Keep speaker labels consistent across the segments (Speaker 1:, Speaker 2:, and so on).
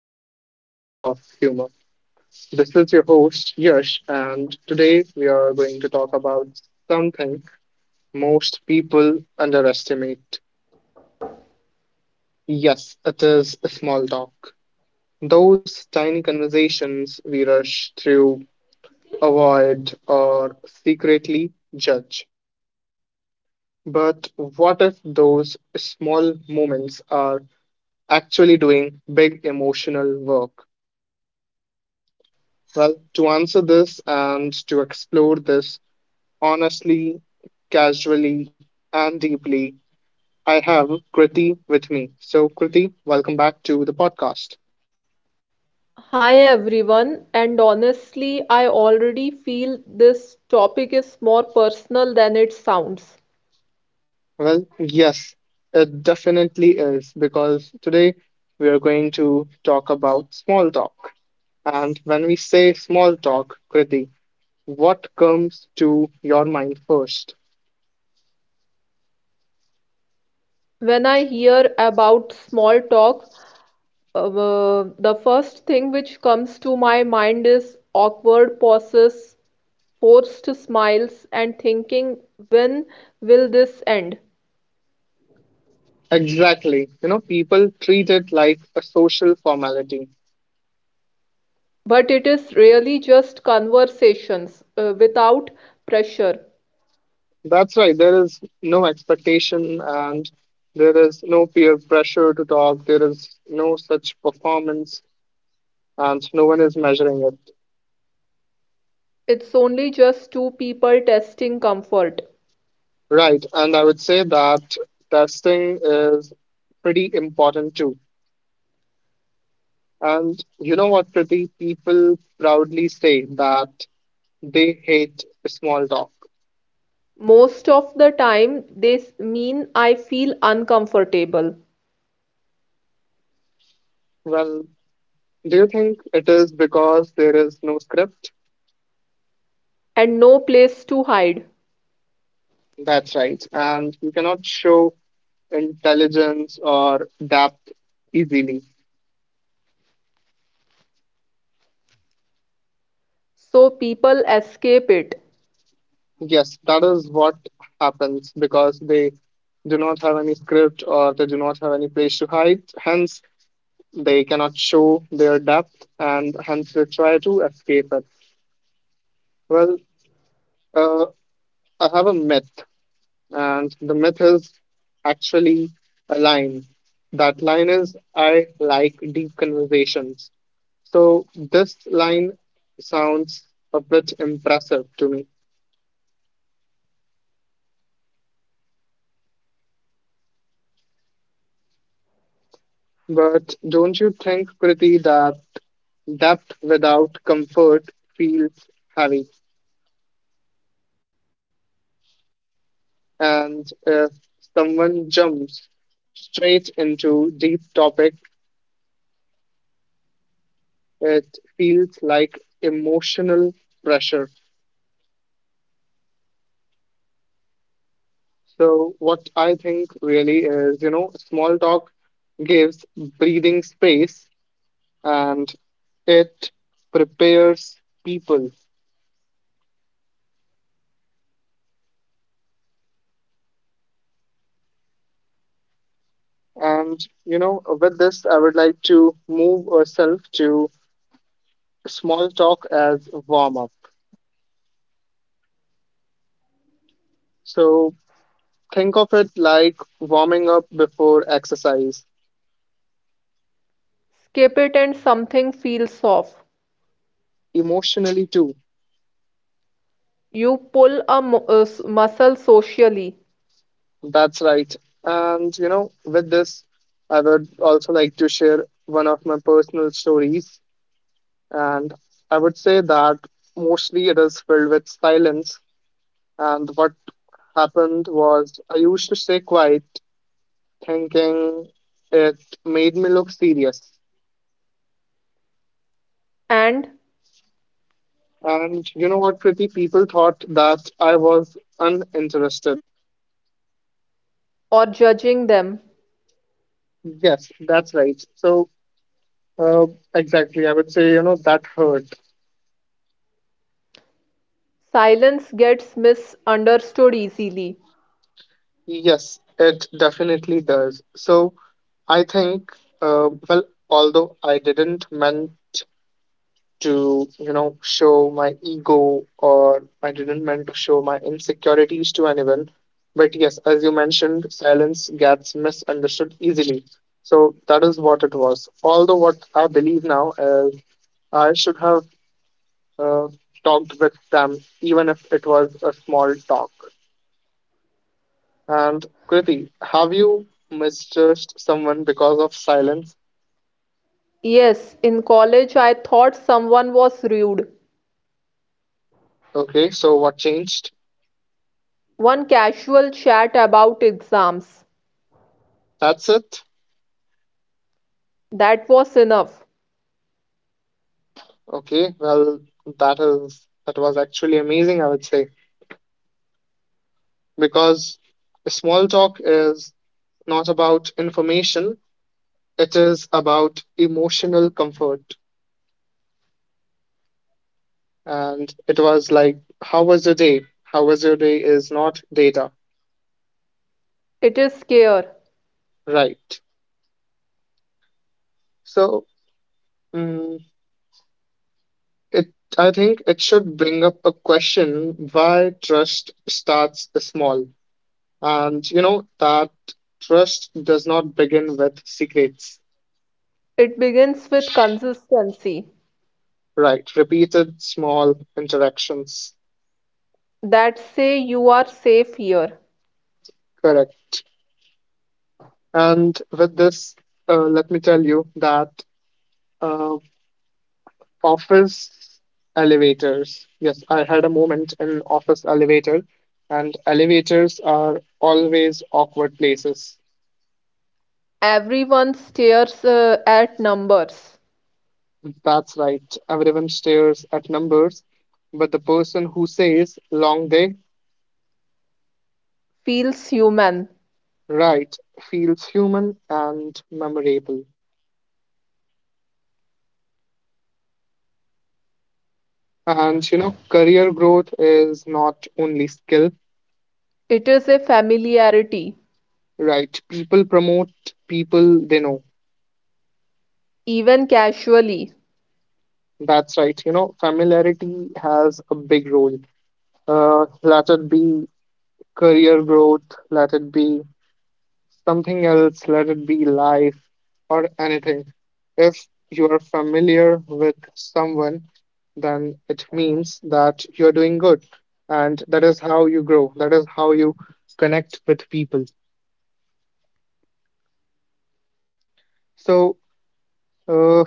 Speaker 1: With a sprinkle of humor. This is your host Yash, and today we are going to talk about something most people underestimate. Yes, it is small talk. Those tiny conversations we rush through, avoid, or secretly judge. But what if those small moments are actually doing big emotional work? Well, to answer this and to explore this honestly, casually, and deeply, I have Kriti with me. So, Kriti, welcome back to the podcast.
Speaker 2: Hi everyone, and honestly, I already feel this topic is more personal than it sounds.
Speaker 1: Well, yes, it definitely is because today we are going to talk about small talk. And when we say small talk, Kriti, what comes to your mind first?
Speaker 2: When I hear about small talk, the first thing which comes to my mind is awkward pauses, forced smiles, and thinking, when will this end?
Speaker 1: Exactly. You know, people treat it like a social formality.
Speaker 2: But it is really just conversations without pressure.
Speaker 1: That's right. There is no expectation and there is no peer pressure to talk. There is no such performance and no one is measuring it.
Speaker 2: It's only just two people testing comfort.
Speaker 1: Right. And I would say that testing is pretty important too. And you know what, Pretty People proudly say that they hate small talk.
Speaker 2: Most of the time they mean I feel uncomfortable
Speaker 1: Well, do you think it is because there is no script?
Speaker 2: and no place to hide.
Speaker 1: That's right. And you cannot show intelligence or depth easily.
Speaker 2: So people escape it.
Speaker 1: Yes, that is what happens because they do not have any script or they do not have any place to hide. Hence, they cannot show their depth and hence they try to escape it. Well, uh, I have a myth, and the myth is actually a line. That line is I like deep conversations. So this line sounds a bit impressive to me. But don't you think, Kriti, that depth without comfort feels heavy? And if someone jumps straight into deep topic, it feels like emotional pressure. So what I think really is, you know, small talk gives breathing space and it prepares people. And, you know, with this, I would like to move ourselves to small talk as warm up. So think of it like warming up before exercise,
Speaker 2: Skip it and something feels off.
Speaker 1: emotionally too.
Speaker 2: You pull a muscle socially
Speaker 1: That's right. And, you know, with this, I would also like to share one of my personal stories. And I would say that mostly it is filled with silence. And what happened was I used to stay quiet thinking it made me look serious.
Speaker 2: and
Speaker 1: And you know what, Pretty People thought that I was uninterested.
Speaker 2: or judging them.
Speaker 1: Yes, that's right. So, uh, exactly, I would say, you know, that hurt.
Speaker 2: Silence gets misunderstood easily.
Speaker 1: Yes, it definitely does. So, I think, well, although I didn't meant to, you know, show my ego or I didn't meant to show my insecurities to anyone, but yes, as you mentioned, silence gets misunderstood easily. So that is what it was. Although what I believe now is I should have uh, talked with them even if it was a small talk. And Kriti, have you mistrust someone because of silence?
Speaker 2: Yes, in college I thought someone was rude.
Speaker 1: Okay, so what changed?
Speaker 2: One casual chat about exams.
Speaker 1: That's it.
Speaker 2: That was enough.
Speaker 1: Okay, well, that is that was actually amazing, I would say, because small talk is not about information, it is about emotional comfort. And it was like, how was your day? How was your day is not data,
Speaker 2: It is scare.
Speaker 1: right? So, mm, it I think it should bring up a question why trust starts small. And you know that trust does not begin with secrets.
Speaker 2: It begins with consistency,
Speaker 1: Right, repeated small interactions.
Speaker 2: that say you are safe here.
Speaker 1: Correct. And with this, let me tell you that uh, office elevators. Yes, I had a moment in office elevator, and elevators are always awkward places.
Speaker 2: Everyone stares at numbers,
Speaker 1: That's right. Everyone stares at numbers, but the person who says long day,
Speaker 2: feels human.
Speaker 1: right, feels human and memorable. And you know, career growth is not only skill.
Speaker 2: It is a familiarity,
Speaker 1: Right. People promote people they know.
Speaker 2: even casually.
Speaker 1: That's right. You know, familiarity has a big role. Let it be career growth, let it be something else, let it be life or anything. If you are familiar with someone, then it means that you're doing good. And that is how you grow. That is how you connect with people. So, uh,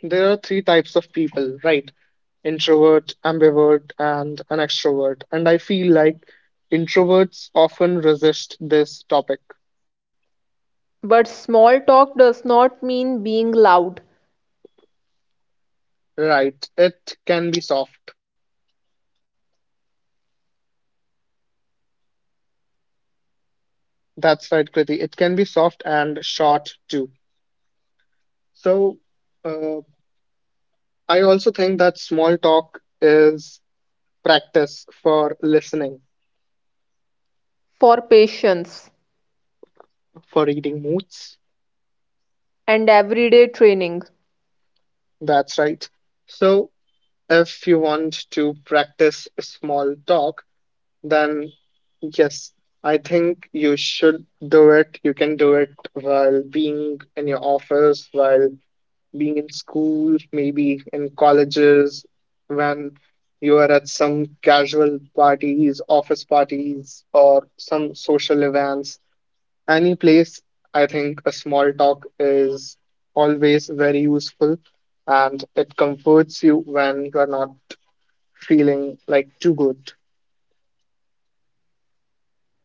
Speaker 1: there are three types of people, right? Introvert, ambivert, and an extrovert. And I feel like introverts often resist this topic,
Speaker 2: But small talk does not mean being loud
Speaker 1: right? It can be soft. That's right, Kriti. It can be soft and short too. So, uh, I also think that small talk is practice for listening,
Speaker 2: for patience
Speaker 1: for reading moods.
Speaker 2: and everyday training.
Speaker 1: That's right. So if you want to practice small talk, then yes, I think you should do it. You can do it while being in your office, while being in school, maybe in colleges, when you are at some casual parties, office parties, or some social events. Any place, I think a small talk is always very useful and it comforts you when you're not feeling like too good.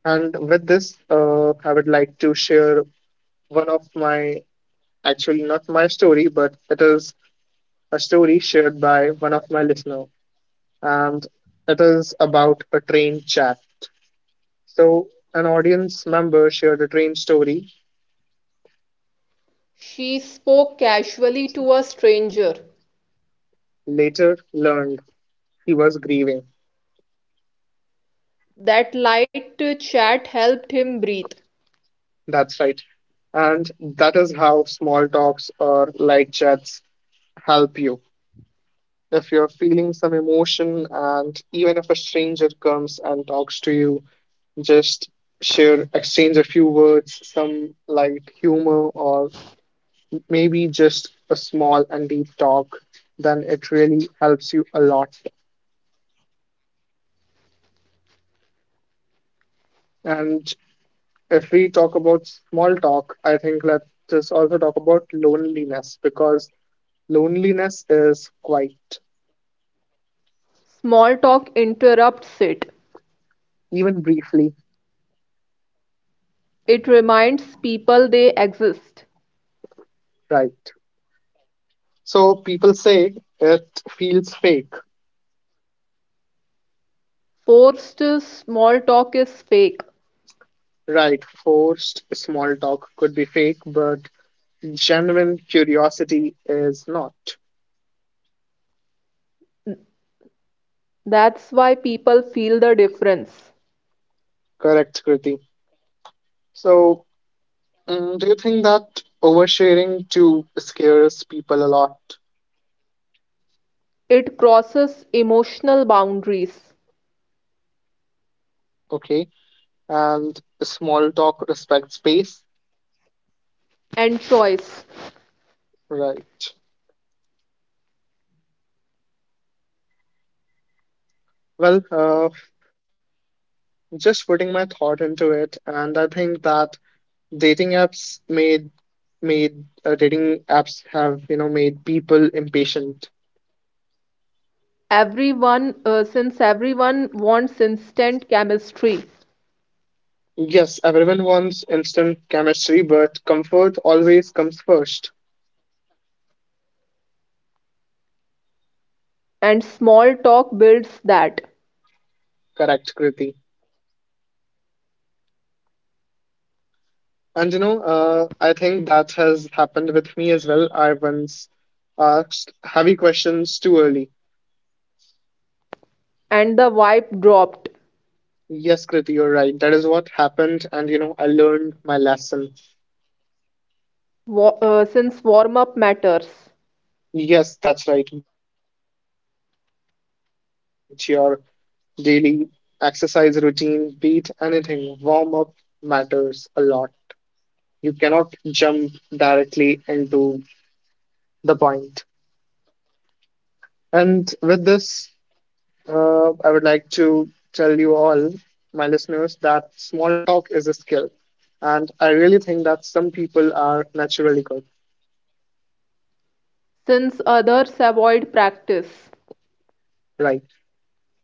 Speaker 1: And with this, I would like to share one of my, actually not my story, but it is a story shared by one of my listener, and it is about a train chat. So an audience member shared a train story,
Speaker 2: She spoke casually to a stranger.
Speaker 1: later learned he was grieving.
Speaker 2: That light chat helped him breathe.
Speaker 1: That's right. And that is how small talks or light chats help you if you're feeling some emotion. And even if a stranger comes and talks to you, just share, exchange a few words, some light humor, or maybe just a small and deep talk, then it really helps you a lot. And if we talk about small talk, I think let's just also talk about loneliness because loneliness is quite,
Speaker 2: Small talk interrupts it.
Speaker 1: even briefly,
Speaker 2: It reminds people they exist.
Speaker 1: right. So people say it feels fake,
Speaker 2: Forced small talk is fake.
Speaker 1: right? Forced small talk could be fake, but genuine curiosity is not.
Speaker 2: That's why people feel the difference.
Speaker 1: Correct, Kriti. So, do you think that oversharing to scares people a lot?
Speaker 2: It crosses emotional boundaries
Speaker 1: Okay. And small talk respects space?
Speaker 2: and choice.
Speaker 1: Right. Well, just putting my thought into it, and I think that dating apps made made dating apps have, you know, made people impatient.
Speaker 2: Everyone, since everyone wants instant chemistry,
Speaker 1: Yes, everyone wants instant chemistry, but comfort always comes first.
Speaker 2: and small talk builds that.
Speaker 1: Correct, Kriti. And you know, I think that has happened with me as well. I once asked heavy questions too early.
Speaker 2: And the vibe dropped,
Speaker 1: Yes, Kriti, you're right. That is what happened. And you know, I learned my lesson.
Speaker 2: since warm up matters,
Speaker 1: Yes, that's right. Be it a light conversation, be it your daily exercise routine, be it anything, warm up matters a lot. You cannot jump directly into the point. And with this, I would like to tell you all, my listeners, that small talk is a skill. And I really think that some people are naturally good,
Speaker 2: since others avoid practice,
Speaker 1: right?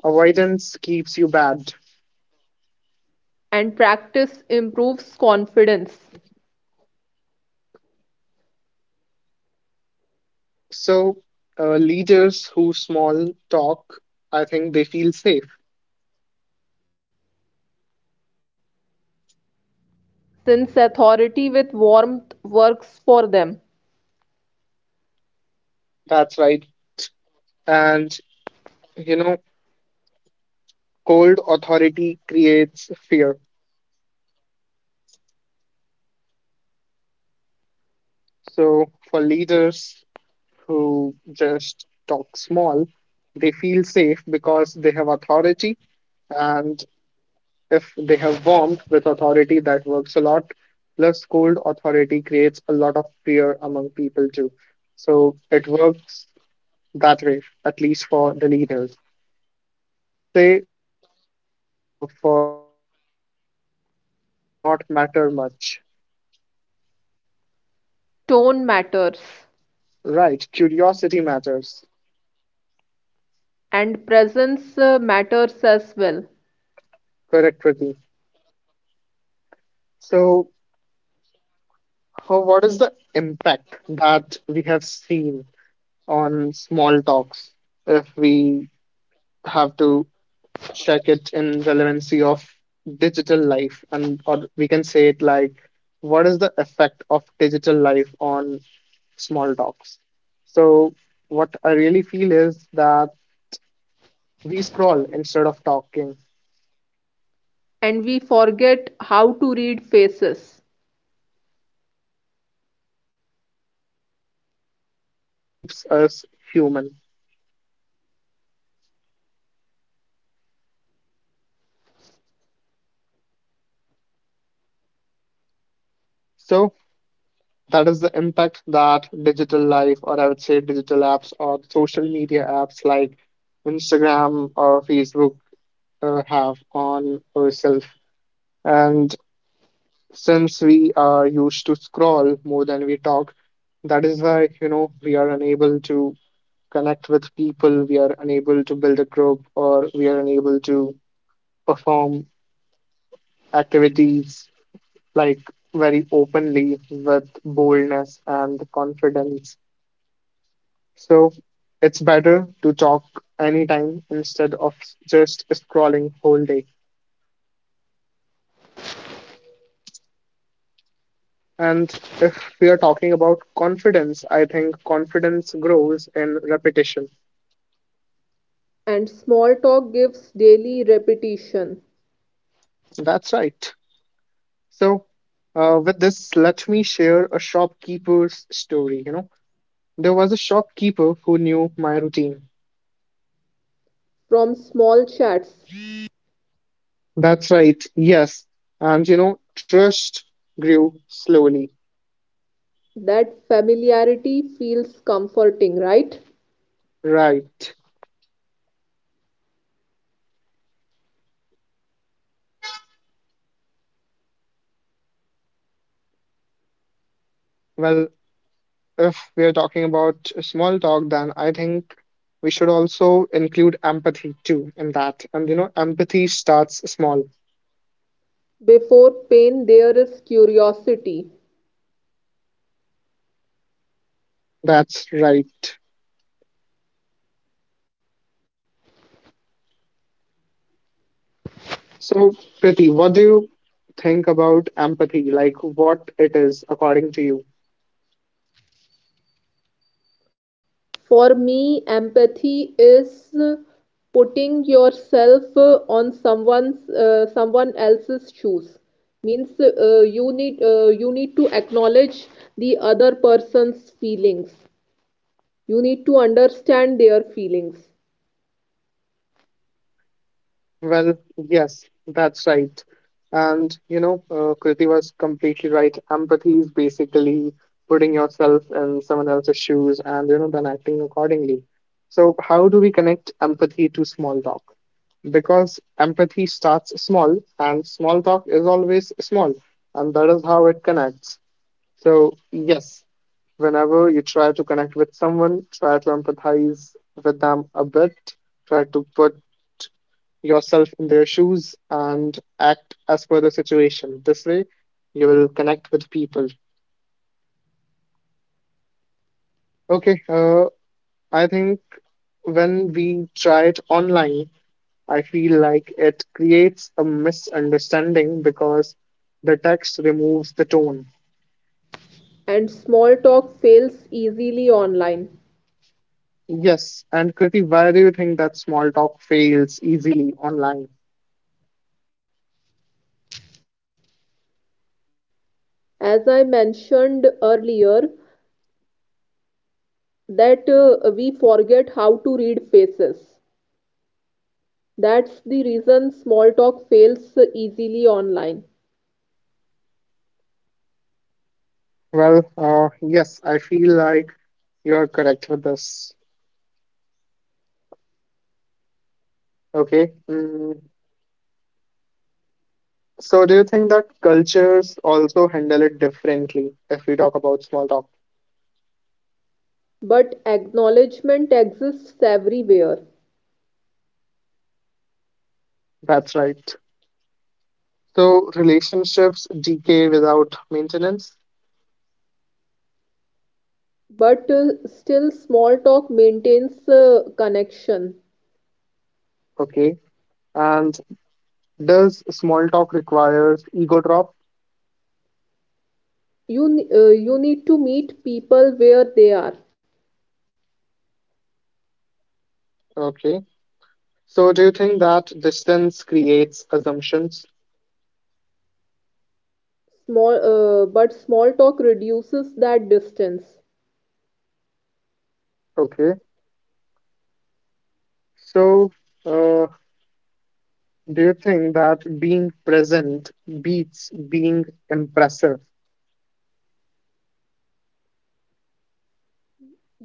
Speaker 1: Avoidance keeps you bad.
Speaker 2: and practice improves confidence.
Speaker 1: So, leaders who small talk, I think they feel safe.
Speaker 2: Since authority with warmth works for them.
Speaker 1: That's right. And, you know, cold authority creates fear. So, for leaders who just talk small, they feel safe because they have authority, and if they have warmth with authority, that works a lot. Plus, cold authority creates a lot of fear among people too. So it works that way, at least for the leaders. And I would say if for small talk, topics do not matter much.
Speaker 2: Tone matters
Speaker 1: Right, curiosity matters.
Speaker 2: and presence matters as well.
Speaker 1: Correct, Kriti. So, what is the impact that we have seen on small talks if we have to check it in relevancy of digital life, and or we can say it like, what is the effect of digital life on small talks? So what I really feel is that we scroll instead of talking,
Speaker 2: And we forget how to read faces.
Speaker 1: right. And you know, small talk keeps us human. So that is the impact that digital life, or I would say digital apps or social media apps like Instagram or Facebook, have on ourselves. And since we are used to scroll more than we talk, that is why, you know, we are unable to connect with people, we are unable to build a group, or we are unable to perform activities like very openly with boldness and confidence. So it's better to talk anytime instead of just scrolling whole day. And if we are talking about confidence, I think confidence grows in repetition.
Speaker 2: And small talk gives daily repetition
Speaker 1: That's right. So, with this, let me share a shopkeeper's story. You know, there was a shopkeeper who knew my routine.
Speaker 2: from small chats. That familiarity feels comforting, right? Before pain, there is curiosity.
Speaker 1: So, Priti, what do you think about empathy? Like, what it is according to you?
Speaker 2: For me, empathy is putting yourself on someone else's shoes. Means you need you need to acknowledge the other person's feelings. You need to understand their feelings.
Speaker 1: Well, yes, that's right. And, you know, Kriti was completely right. Empathy is basically putting yourself in someone else's shoes and, you know, then acting accordingly. So, how do we connect empathy to small talk? Because empathy starts small and small talk is always small, and that is how it connects. So, yes, whenever you try to connect with someone, try to empathize with them a bit, try to put yourself in their shoes and act as per the situation. This way, you will connect with people. Okay, I think when we try it online, I feel like it creates a misunderstanding because the text removes the tone.
Speaker 2: And small talk fails easily online.
Speaker 1: Yes, and Kriti, why do you think that small talk fails easily online?
Speaker 2: As I mentioned earlier, that we forget how to read faces. That's the reason small talk fails easily online.
Speaker 1: Well, yes, I feel like you are correct with this. Okay. Mm. So, do you think that cultures also handle it differently if we talk about small talk?
Speaker 2: But acknowledgement exists everywhere.
Speaker 1: That's right. So, relationships decay without maintenance.
Speaker 2: But still, small talk maintains connection.
Speaker 1: Okay. And does small talk requires ego drop?
Speaker 2: You need to meet people where they are.
Speaker 1: Okay. So, do you think that distance creates assumptions?
Speaker 2: But small talk reduces that distance.
Speaker 1: Okay. So, uh, do you think that being present beats being impressive?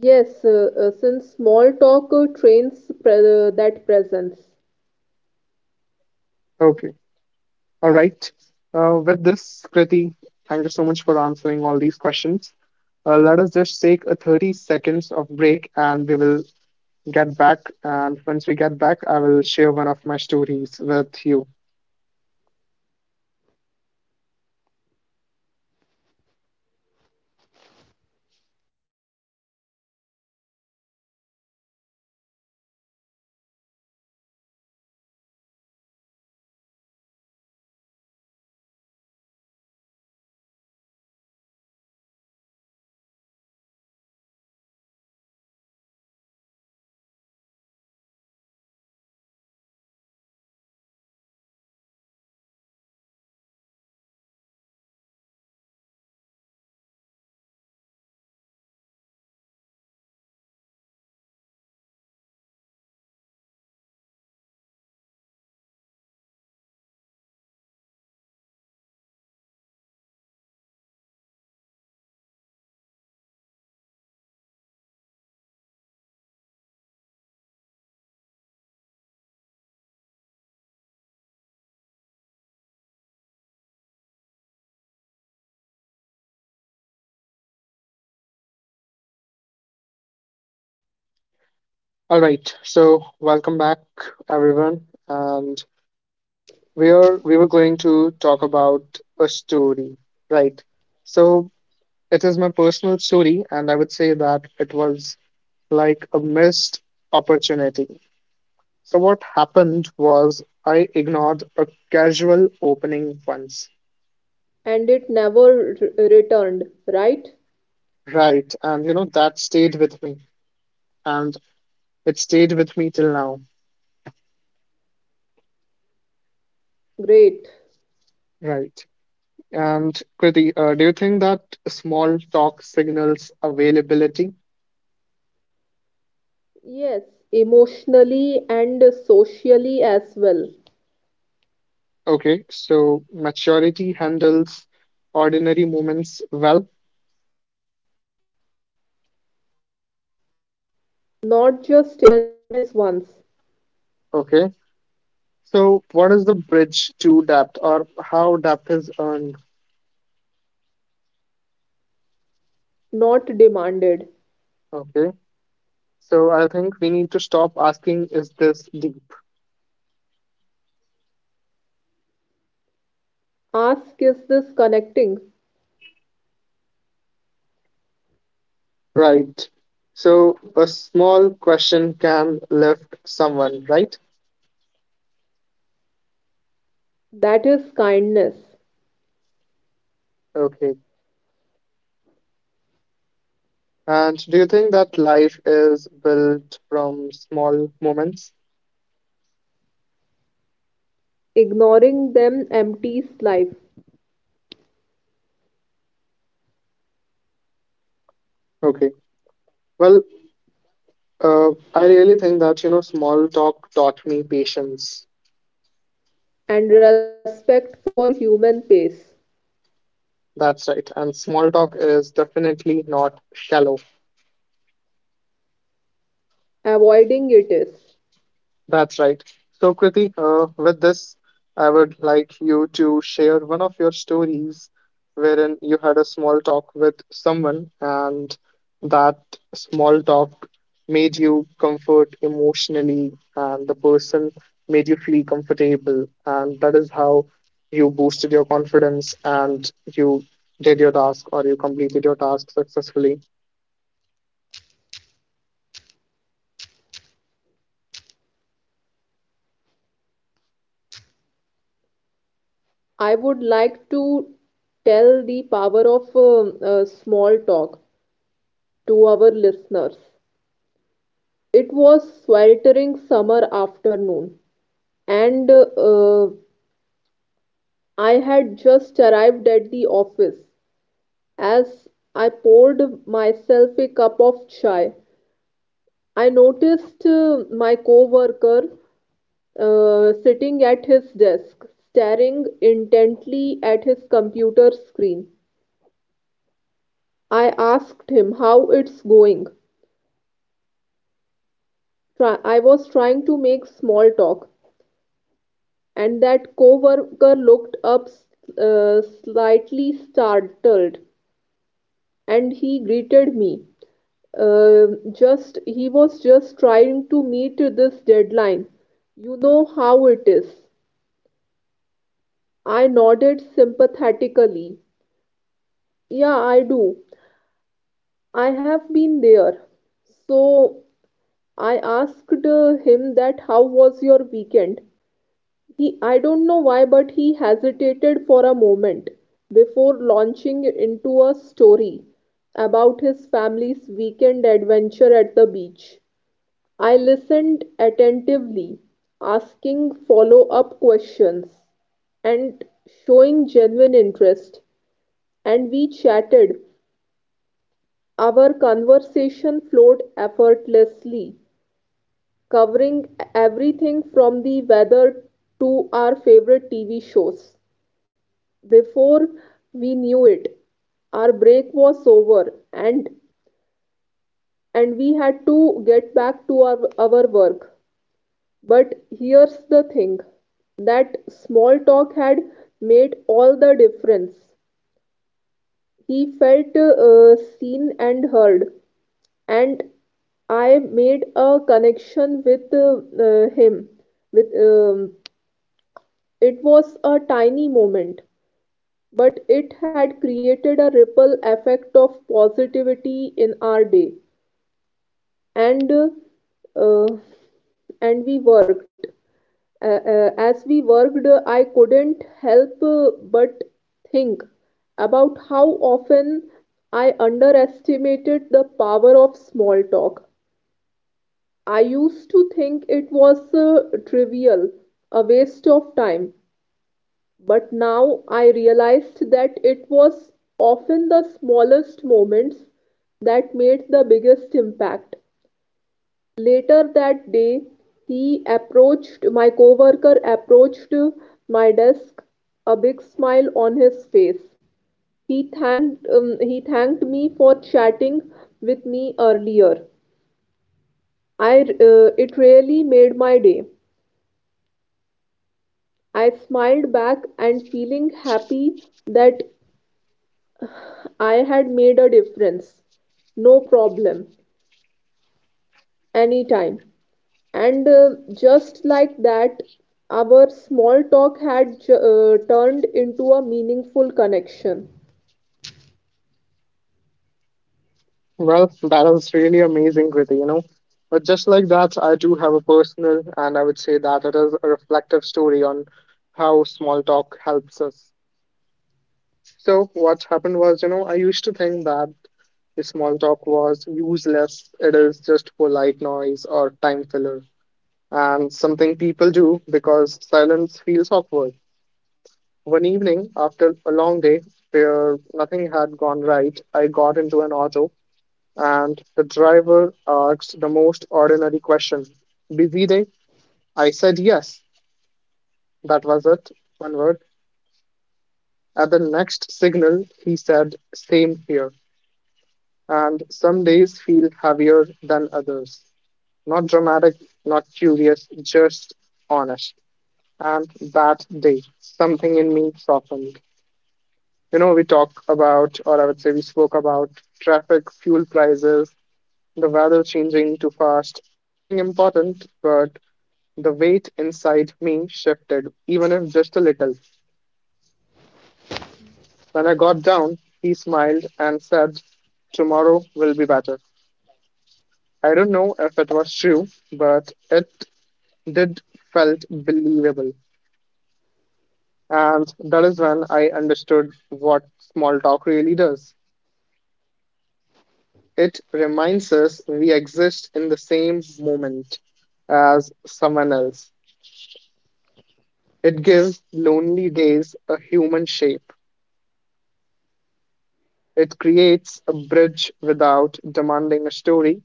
Speaker 2: Yes, since small talk trains that presence,
Speaker 1: Okay, all right. With this, Kriti, thank you so much for answering all these questions. Let us just take a 30 seconds of break and we will get back. And once we get back, I will share one of my stories with you. All right, so welcome back, everyone. And we were going to talk about a story, right? So it is my personal story, and I would say that it was like a missed opportunity. So, what happened was I ignored a casual opening once,
Speaker 2: and it never returned. Right?
Speaker 1: right? And you know, that stayed with me, and it stayed with me till now,
Speaker 2: Great.
Speaker 1: right? And Kriti, do you think that small talk signals availability?
Speaker 2: Yes, emotionally and socially as well.
Speaker 1: Okay, so maturity handles ordinary moments well.
Speaker 2: Not just intense ones,
Speaker 1: Okay, so, what is the bridge to depth or how depth is earned?
Speaker 2: not demanded.
Speaker 1: Okay. So, I think we need to stop asking, is this deep?
Speaker 2: Ask is this connecting? That is kindness. Ignoring them empties life
Speaker 1: Okay. Well, uh, I really think that, you know, small talk taught me patience.
Speaker 2: and respect for human pace.
Speaker 1: That's right. And small talk is definitely not shallow.
Speaker 2: Avoiding it is.
Speaker 1: That's right. So, Kriti, with this, I would like you to share one of your stories wherein you had a small talk with someone and that small talk made you comfort emotionally and the person made you feel comfortable. And that is how you boosted your confidence and you did your task or you completed your task successfully.
Speaker 2: I would like to tell the power of small talk to our listeners. It was sweltering summer afternoon, and I had just arrived at the office. As I poured myself a cup of chai, I noticed my coworker sitting at his desk, staring intently at his computer screen. I asked him how it's going. I was trying to make small talk, and that coworker looked up slightly startled, and he greeted me. Uh, just He was just trying to meet this deadline. You know how it is. I nodded sympathetically. Yeah, I do. I have been there. So I asked him that how was your weekend? I don't know why, but he hesitated for a moment before launching into a story about his family's weekend adventure at the beach. I listened attentively, asking follow up questions and showing genuine interest, and we chatted. Our conversation flowed effortlessly, covering everything from the weather to our favorite TV shows. Before we knew it, our break was over and we had to get back to our work. But here's the thing that small talk had made all the difference. He felt seen and heard, and I made a connection with him. With it was a tiny moment, but it had created a ripple effect of positivity in our day. and uh, uh, and we worked, as we worked, I couldn't help but think about how often I underestimated the power of small talk. I used to think it was trivial, a waste of time, but now I realized that it was often the smallest moments that made the biggest impact. Later that day, he approached my coworker approached my desk, a big smile on his face. He thanked me for chatting with me earlier. I It really made my day. I smiled back and feeling happy that I had made a difference. No problem. Anytime. And just like that, our small talk had turned into a meaningful connection.
Speaker 1: Well, that is really amazing, Kriti, you know. But just like that, I do have a personal, and I would say that it is a reflective story on how small talk helps us. So, what happened was, you know, I used to think that the small talk was useless, it is just polite noise or time filler, and something people do because silence feels awkward. One evening, after a long day where nothing had gone right, I got into an auto and the driver asked the most ordinary question. Busy day? I said yes. That was it. One word. At the next signal, he said, same here. And some days feel heavier than others. Not dramatic, not curious, just honest. And that day, something in me softened. You know, we talk about, or I would say we spoke about traffic, fuel prices, the weather changing too fast. Nothing important, but the weight inside me shifted, even if just a little. When I got down, he smiled and said, tomorrow will be better. I don't know if it was true, but it did felt believable. And that is when I understood what small talk really does. It reminds us we exist in the same moment as someone else. It gives lonely days a human shape. It creates a bridge without demanding a story.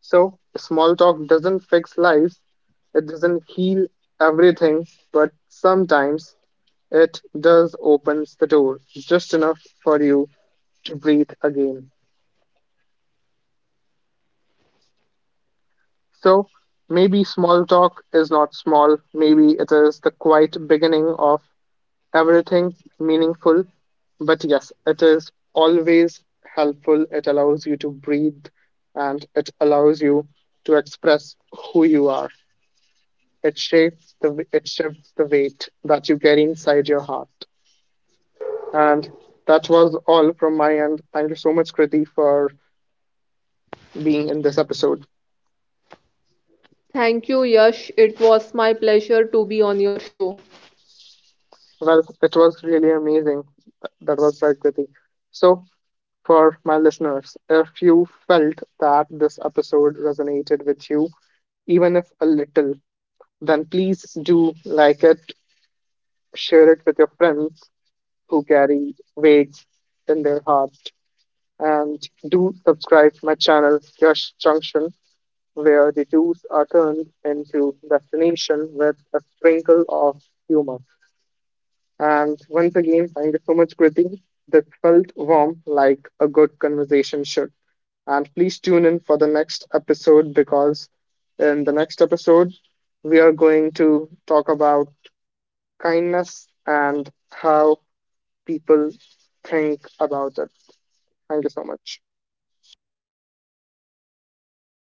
Speaker 1: So, small talk doesn't fix lives, it doesn't heal everything, but sometimes it does opens the door just enough for you to breathe again. So, maybe small talk is not small, maybe it is the quiet beginning of everything meaningful. But yes, it is always helpful. It allows you to breathe and it allows you to express who you are. It shifts the weight that you carry inside your heart. And that was all from my end. Thank you so much, Kriti, for being in this episode.
Speaker 2: Thank you, Yash. It was my pleasure to be on your show.
Speaker 1: Well, it was really amazing. That was right, Kriti. So, for my listeners, if you felt that this episode resonated with you, even if a little, then please do like it, share it with your friends who carry weights in their hearts, and do subscribe to my channel, Yash Junction, where the tours are turned into destination with a sprinkle of humor. And once again, thank you so much, Kriti. This felt warm like a good conversation should. And please tune in for the next episode because in the next episode, we are going to talk about kindness and how people think about it. Thank you so much.